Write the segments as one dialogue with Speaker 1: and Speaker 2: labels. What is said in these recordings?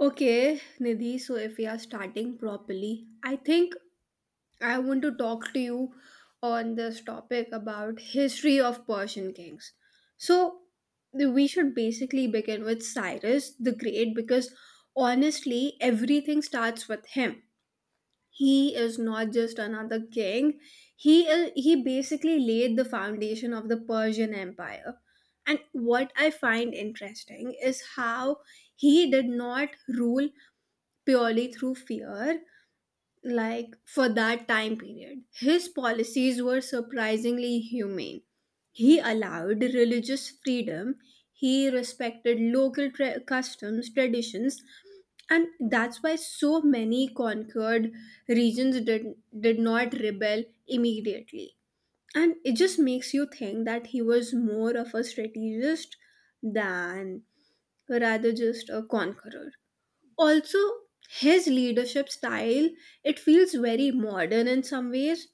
Speaker 1: Okay, Nidhi, so if we are starting properly, I think I want to talk to you on this topic about history of Persian kings. So we should basically begin with Cyrus the Great because honestly everything starts with him. He is not just another king. He basically laid the foundation of the Persian Empire. And what I find interesting is how he did not rule purely through fear, like for that time period. His policies were surprisingly humane. He allowed religious freedom, he respected local customs, traditions, and that's why so many conquered regions did not rebel immediately. And it just makes you think that he was more of a strategist than rather just a conqueror. Also, his leadership style, it feels very modern in some ways.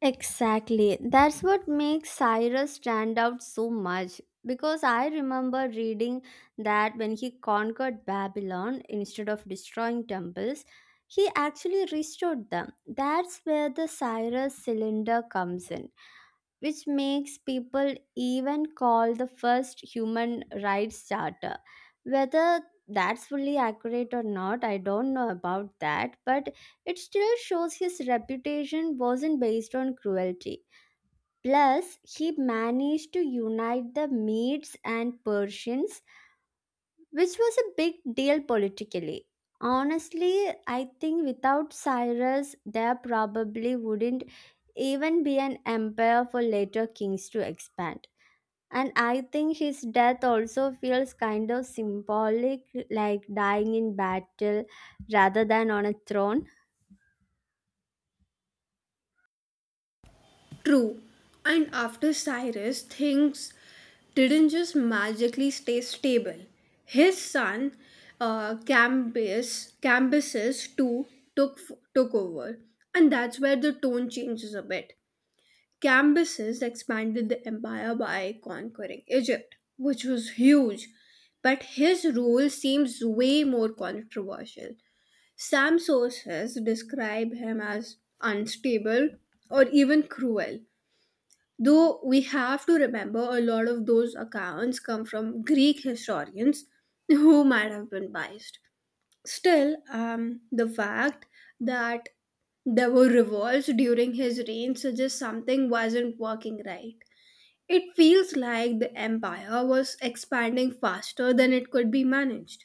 Speaker 2: Exactly. That's what makes Cyrus stand out so much. Because I remember reading that when he conquered Babylon, instead of destroying temples, he actually restored them. That's where the Cyrus cylinder comes in which makes people even call the first human rights charter. Whether that's fully accurate or not, I don't know about that, but it still shows his reputation wasn't based on cruelty. Plus, he managed to unite the Medes and Persians, which was a big deal politically. Honestly, I think without Cyrus, there probably wouldn't even be an empire for later kings to expand. And I think his death also feels kind of symbolic, like dying in battle rather than on a throne.
Speaker 1: True. And after Cyrus, things didn't just magically stay stable. His son, cambus cambyses too took took over, and that's where the tone changes a bit. Cambyses expanded the empire by conquering Egypt, which was huge, but his rule seems way more controversial. Some sources describe him as unstable or even cruel. Though we have to remember a lot of those accounts come from Greek historians who might have been biased. Still, the fact that there were revolts during his reign suggests something wasn't working right. It feels like the empire was expanding faster than it could be managed.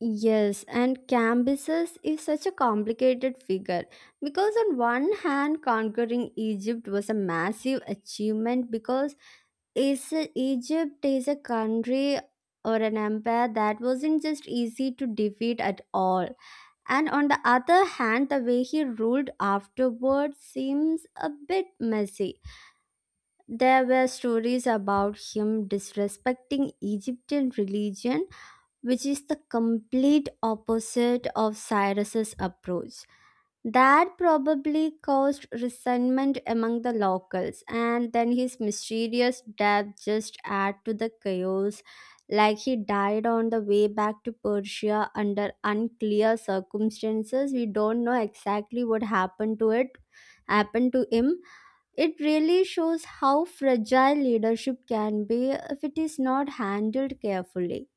Speaker 2: Yes, and Cambyses is such a complicated figure because, on one hand, conquering Egypt was a massive achievement because is Egypt is a country or an empire that wasn't just easy to defeat at all. And on the other hand, the way he ruled afterward seems a bit messy. There were stories about him disrespecting Egyptian religion, which is the complete opposite of Cyrus's approach. That probably caused resentment among the locals, and then his mysterious death just add to the chaos, like he died on the way back to Persia under unclear circumstances. We don't know exactly what happened to it happened to him. It really shows how fragile leadership can be if it is not handled carefully.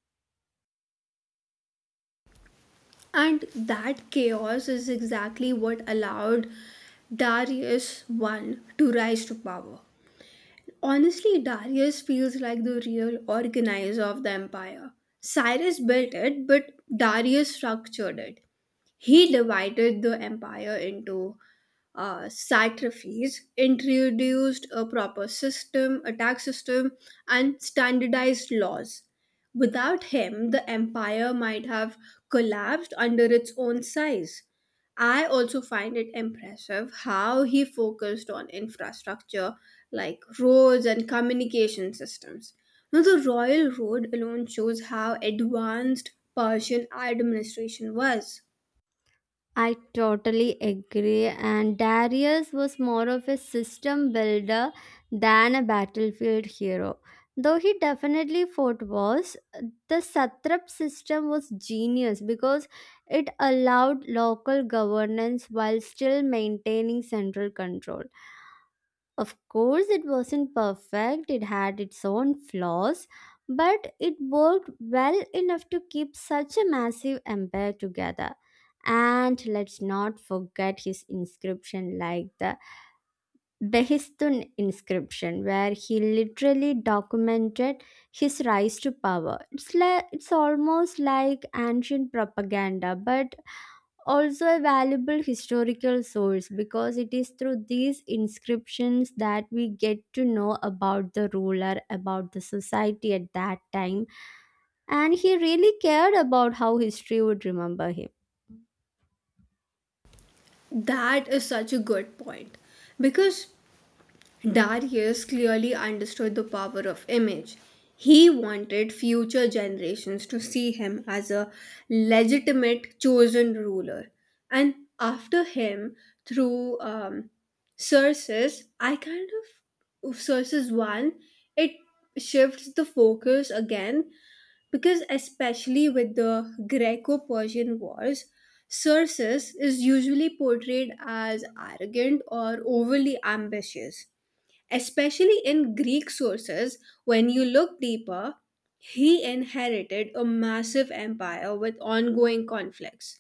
Speaker 1: And that chaos is exactly what allowed Darius I to rise to power. Honestly, Darius feels like the real organizer of the empire. Cyrus built it, but Darius structured it. He divided the empire into satrapies, introduced a proper system, a tax system, and standardized laws. Without him, the empire might have collapsed under its own size. I also find it impressive how he focused on infrastructure like roads and communication systems. Now, the royal road alone shows how advanced Persian administration was.
Speaker 2: I totally agree, and Darius was more of a system builder than a battlefield hero. Though he definitely fought wars, the satrap system was genius because it allowed local governance while still maintaining central control. Of course, it wasn't perfect, it had its own flaws, but it worked well enough to keep such a massive empire together. And let's not forget his inscription, like the Behistun inscription, where he literally documented his rise to power. It's almost like ancient propaganda, but also a valuable historical source because it is through these inscriptions that we get to know about the ruler, about the society at that time. And he really cared about how history would remember him.
Speaker 1: That is such a good point because Darius clearly understood the power of image. He wanted future generations to see him as a legitimate chosen ruler. And after him, through Circes, I kind of Circes I, it shifts the focus again, because especially with the Greco-Persian Wars, Circes is usually portrayed as arrogant or overly ambitious, especially in Greek sources. When you look deeper, he inherited a massive empire with ongoing conflicts.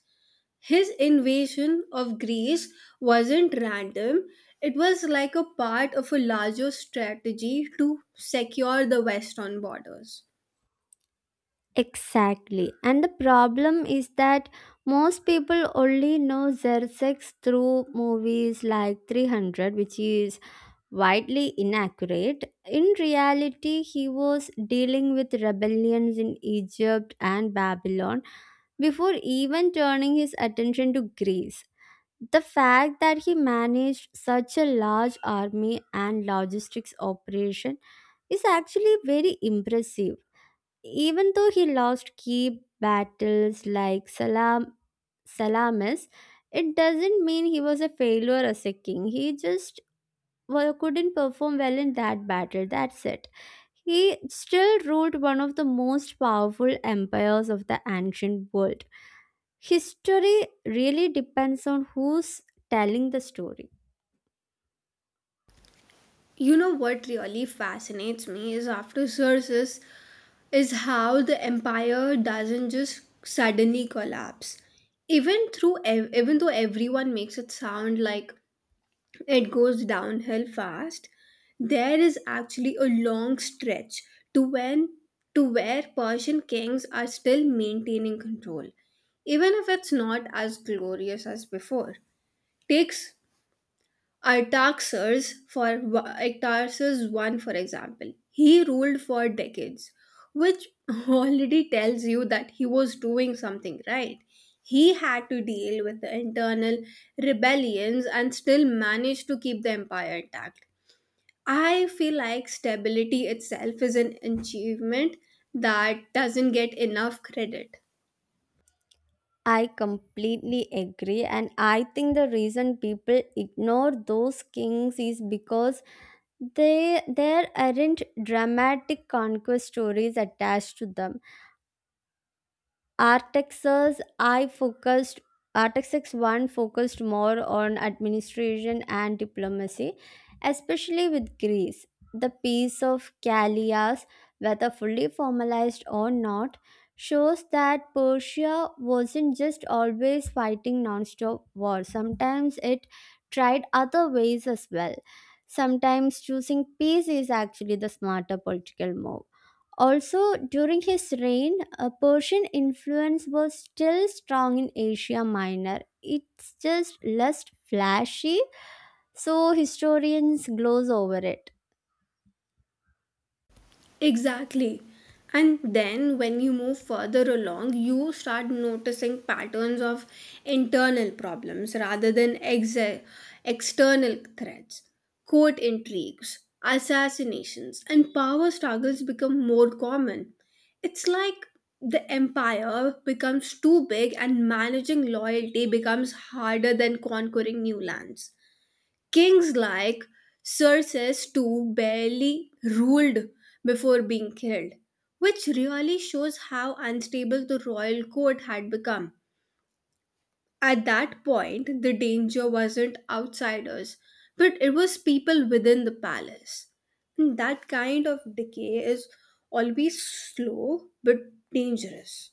Speaker 1: His invasion of Greece wasn't random, it was like a part of a larger strategy to secure the western borders.
Speaker 2: Exactly. And the problem is that most people only know Xerxes through movies like 300, which is widely inaccurate. In reality, he was dealing with rebellions in Egypt and Babylon before even turning his attention to Greece. The fact that he managed such a large army and logistics operation is actually very impressive. Even though he lost key battles like Salamis, it doesn't mean he was a failure as a king. He just, well, couldn't perform well in that battle. That's it. He still ruled one of the most powerful empires of the ancient world. History really depends on who's telling the story.
Speaker 1: You know what really fascinates me is after Xerxes is how the empire doesn't just suddenly collapse. Even through even though everyone makes it sound like it goes downhill fast, there is actually a long stretch to when to where Persian kings are still maintaining control, even if it's not as glorious as before. Takes Artaxerxes, for Artaxerxes I, for example, he ruled for decades, which already tells you that he was doing something right. He had to deal with the internal rebellions and still managed to keep the empire intact. I feel like stability itself is an achievement that doesn't get enough credit.
Speaker 2: I completely agree, and I think the reason people ignore those kings is because they there aren't dramatic conquest stories attached to them. Artex's I focused Artex's one focused more on administration and diplomacy, especially with Greece. The peace of Callias, whether fully formalized or not, shows that Persia wasn't just always fighting non-stop war. Sometimes it tried other ways as well. Sometimes choosing peace is actually the smarter political move. Also, during his reign, Persian influence was still strong in Asia Minor. It's just less flashy, so historians gloss over it.
Speaker 1: Exactly. And then when you move further along, you start noticing patterns of internal problems rather than external threats. Court intrigues, assassinations, and power struggles become more common. It's like the empire becomes too big and managing loyalty becomes harder than conquering new lands. Kings like Xerxes too barely ruled before being killed, which really shows how unstable the royal court had become. At that point, the danger wasn't outsiders, but it was people within the palace. And that kind of decay is always slow but dangerous.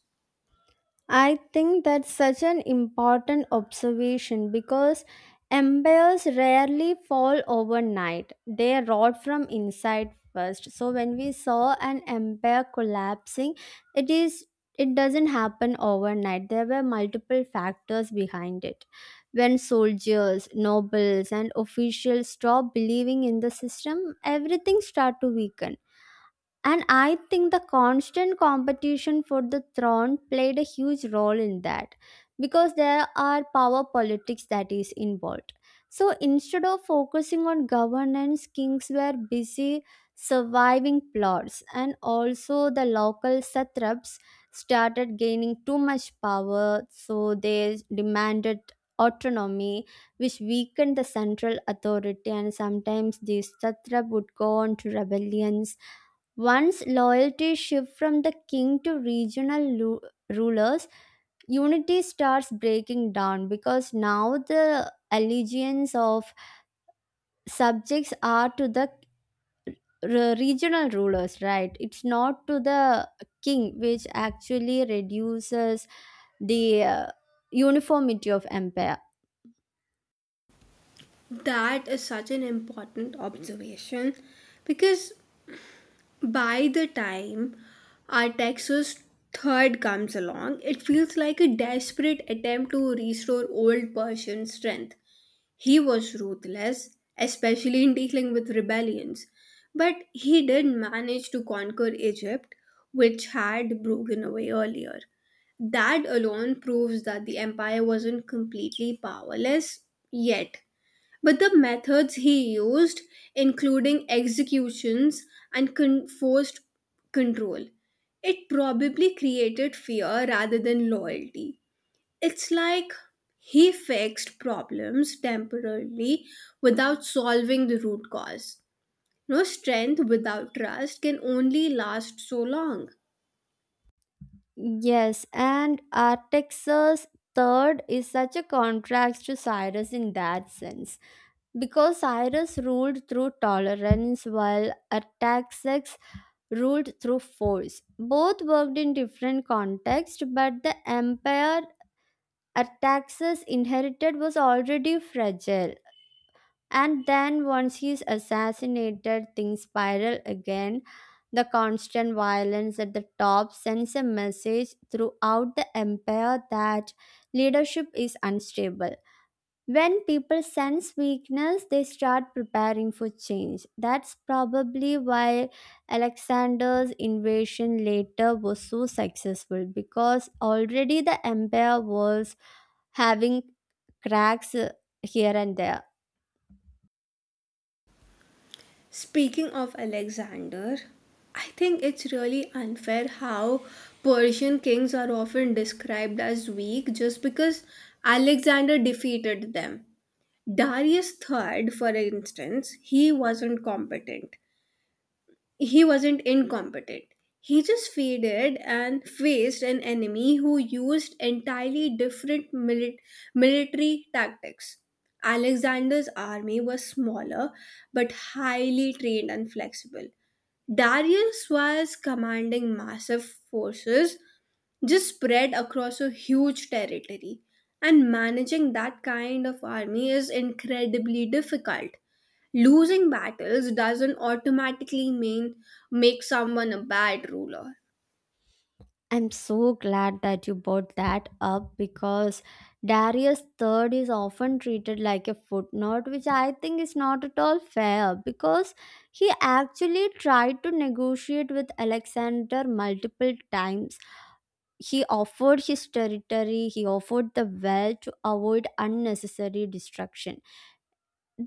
Speaker 2: I think that's such an important observation because empires rarely fall overnight. They rot from inside first. So when we saw an empire collapsing, it is it doesn't happen overnight. There were multiple factors behind it. When soldiers, nobles and officials stop believing in the system, everything start to weaken and I think the constant competition for the throne played a huge role in that because there are power politics that is involved. So instead of focusing on governance, kings were busy surviving plots, and also the local satraps started gaining too much power, so they demanded autonomy, which weakened the central authority. And sometimes these satrap would go on to rebellions once loyalty shifts from the king to rulers, unity starts breaking down because now the allegiance of subjects are to the regional rulers, right? It's not to the king, which actually reduces the uniformity of empire.
Speaker 1: That is such an important observation because by the time our Texas third comes along, it feels like a desperate attempt to restore old Persian strength. He was ruthless, especially in dealing with rebellions, but he did manage to conquer Egypt, which had broken away earlier. That alone proves that the empire wasn't completely powerless yet. But the methods he used, including executions and forced control, it probably created fear rather than loyalty. It's like he fixed problems temporarily without solving the root cause. No strength without trust can only last so long.
Speaker 2: Yes, and Artaxerxes third is such a contrast to Cyrus in that sense. Because Cyrus ruled through tolerance while Artaxerxes ruled through force. Both worked in different contexts, but the empire Artaxerxes inherited was already fragile. And then, once he's assassinated, things spiral again. The constant violence at the top sends a message throughout the empire that leadership is unstable. When people sense weakness, they start preparing for change. That's probably why Alexander's invasion later was so successful because already the empire was having cracks here and there.
Speaker 1: Speaking of Alexander, I think it's really unfair how Persian kings are often described as weak just because Alexander defeated them. Darius III, for instance, he wasn't incompetent. He just faded and faced an enemy who used entirely different military tactics. Alexander's army was smaller but highly trained and flexible. Darius was commanding massive forces just spread across a huge territory, and managing that kind of army is incredibly difficult. Losing battles doesn't automatically mean make someone a bad ruler.
Speaker 2: I'm so glad that you brought that up because Darius III is often treated like a footnote, which I think is not at all fair because he actually tried to negotiate with Alexander multiple times. He offered his territory, he offered the wealth to avoid unnecessary destruction.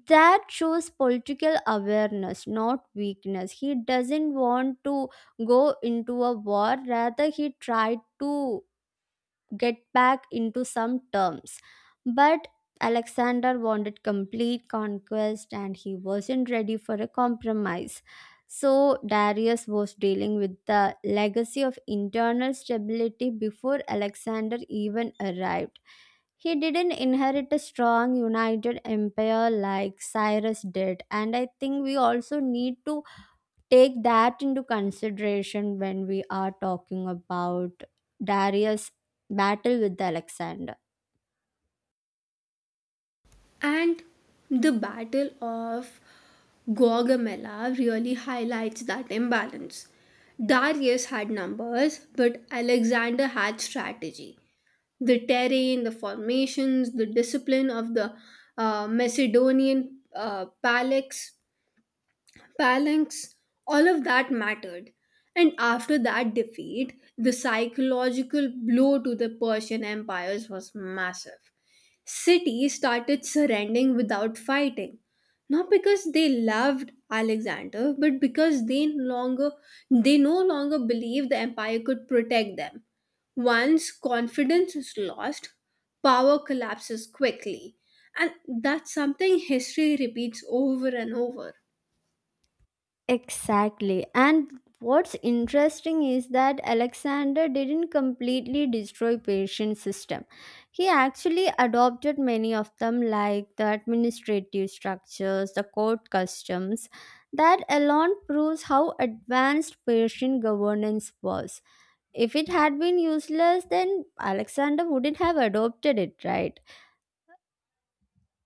Speaker 2: That shows political awareness, not weakness. He doesn't want to go into a war, rather, he tried to get back into some terms. But Alexander wanted complete conquest and he wasn't ready for a compromise. So Darius was dealing with the legacy of internal stability before Alexander even arrived. He didn't inherit a strong united empire like Cyrus did, and I think we also need to take that into consideration when we are talking about Darius' battle with Alexander.
Speaker 1: And the Battle of Gaugamela really highlights that imbalance. Darius had numbers, but Alexander had strategy. The terrain, the formations, the discipline of the Macedonian phalanx balance, all of that mattered. And after that defeat, the psychological blow to the Persian empires was massive. Cities started surrendering without fighting, not because they loved Alexander, but because they no longer believed the empire could protect them. Once confidence is lost, power collapses quickly. And that's something history repeats over and over.
Speaker 2: Exactly. And what's interesting is that Alexander didn't completely destroy Persian system. He actually adopted many of them like the administrative structures, the court customs. That alone proves how advanced Persian governance was. If it had been useless, then Alexander wouldn't have adopted it, right?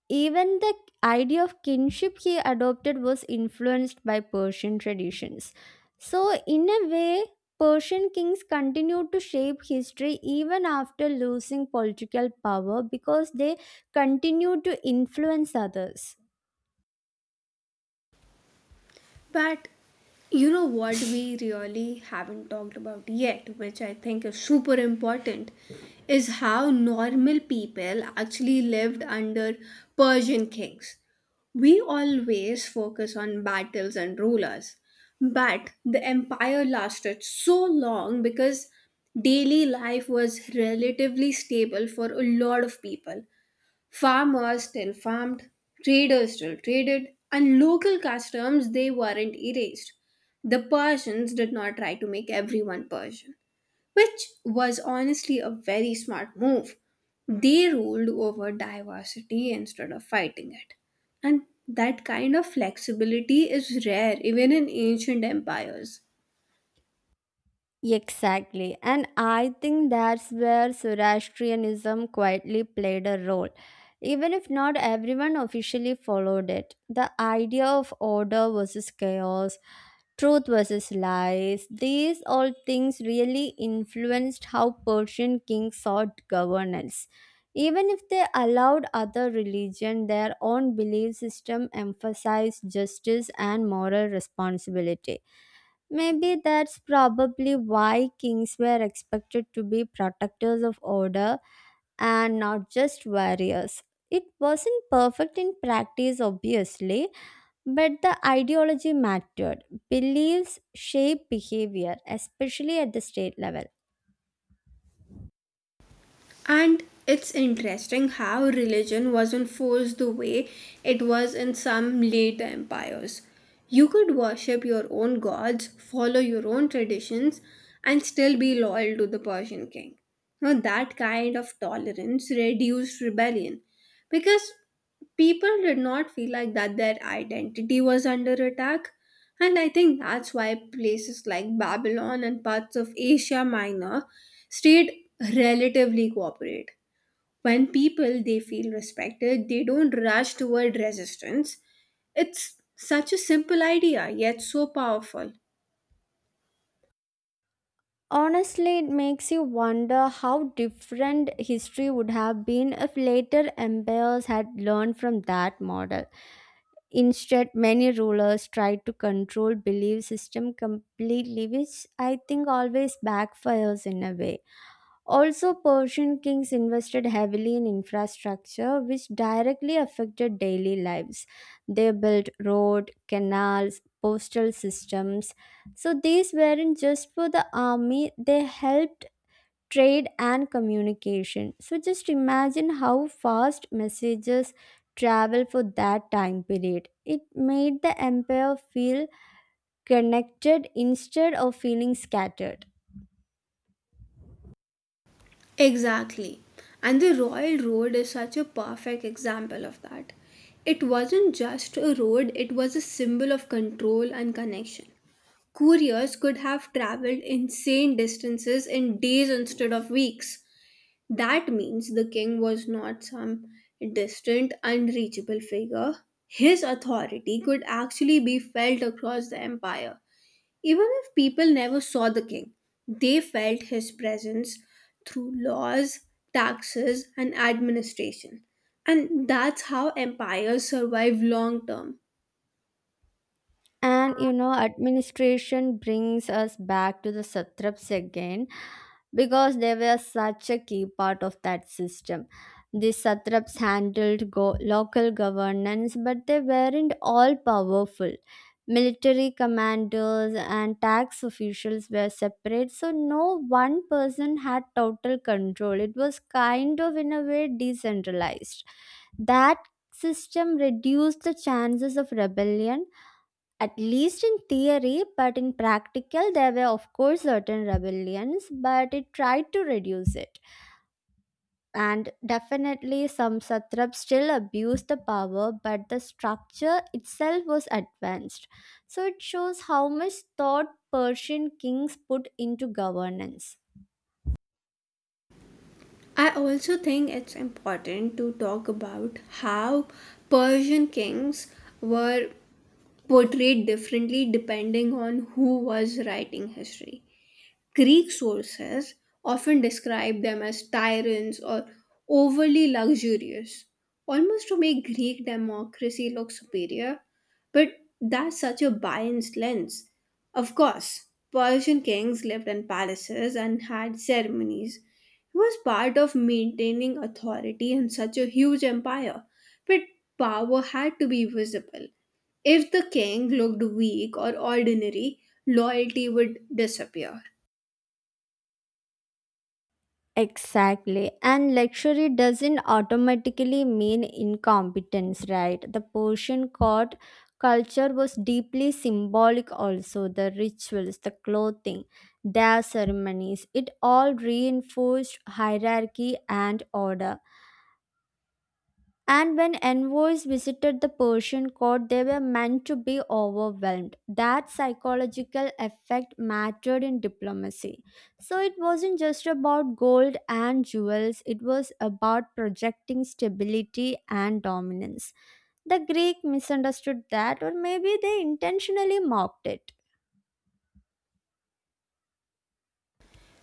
Speaker 2: Even the idea of kinship he adopted was influenced by Persian traditions. So, in a way, Persian kings continued to shape history even after losing political power because they continued to influence others.
Speaker 1: But you know what we really haven't talked about yet, which I think is super important, is how normal people actually lived under Persian kings. We always focus on battles and rulers, but the empire lasted so long because daily life was relatively stable for a lot of people. Farmers still farmed, traders still traded, and local customs, they weren't erased. The Persians did not try to make everyone Persian, which was honestly a very smart move. They ruled over diversity instead of fighting it. And that kind of flexibility is rare even in ancient empires.
Speaker 2: Exactly. And I think that's where Zoroastrianism quietly played a role. Even if not everyone officially followed it, the idea of order versus chaos, truth versus lies, these all things really influenced how Persian kings sought governance. Even if they allowed other religion, their own belief system emphasized justice and moral responsibility. Maybe that's probably why kings were expected to be protectors of order and not just warriors. It wasn't perfect in practice, obviously, but the ideology mattered. Beliefs shape behavior, especially at the state level.
Speaker 1: And it's interesting how religion wasn't forced the way it was in some later empires. You could worship your own gods, follow your own traditions, and still be loyal to the Persian king. Now, that kind of tolerance reduced rebellion because people did not feel like that their identity was under attack. And I think that's why places like Babylon and parts of Asia Minor state relatively cooperate. When people, they feel respected, they don't rush toward resistance. It's such a simple idea, yet so powerful.
Speaker 2: Honestly, it makes you wonder how different history would have been if later empires had learned from that model. Instead, many rulers tried to control belief system completely, which I think always backfires in a way. Also, Persian kings invested heavily in infrastructure, which directly affected daily lives. They built road, canals, postal systems. So these weren't just for the army; they helped trade and communication. So just imagine how fast messages travel for that time period. It made the empire feel connected instead of feeling scattered.
Speaker 1: Exactly. And the royal road is such a perfect example of that. It wasn't just a road, it was a symbol of control and connection. Couriers could have traveled insane distances in days instead of weeks. That means the king was not some distant, unreachable figure. His authority could actually be felt across the empire. Even if people never saw the king, they felt his presence through laws, taxes, and administration. And that's how empires survive long term.
Speaker 2: And you know, administration brings us back to the satraps again, because they were such a key part of that system. The satraps handled local governance, but they weren't all powerful. Military commanders and tax officials were separate, so no one person had total control. It was kind of, in a way, decentralized. That system reduced the chances of rebellion at least in theory, but in practical, there were, of course, certain rebellions, but it tried to reduce it. And definitely, some satraps still abused the power, but the structure itself was advanced. So, it shows how much thought Persian kings put into governance.
Speaker 1: I also think it's important to talk about how Persian kings were portrayed differently depending on who was writing history. Greek sources often describe them as tyrants or overly luxurious, almost to make Greek democracy look superior. But that's such a biased lens. Of course, Persian kings lived in palaces and had ceremonies. It was part of maintaining authority in such a huge empire, but power had to be visible. If the king looked weak or ordinary, loyalty would disappear.
Speaker 2: Exactly. And luxury doesn't automatically mean incompetence, right? The Persian court culture was deeply symbolic, also. The rituals, the clothing, their ceremonies, it all reinforced hierarchy and order. And when envoys visited the Persian court, they were meant to be overwhelmed. That psychological effect mattered in diplomacy. So it wasn't just about gold and jewels, it was about projecting stability and dominance. The Greek misunderstood that, or maybe they intentionally mocked it.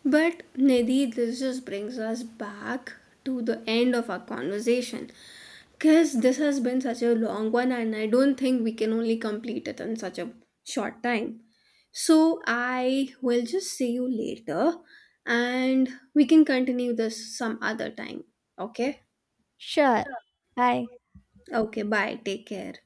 Speaker 1: But Nidhi, this just brings us back to the end of our conversation. Because this has been such a long one, and I don't think we can only complete it in such a short time. So I will just see you later and we can continue this some other time. Okay?
Speaker 2: Sure. Bye.
Speaker 1: Okay, bye. Take care.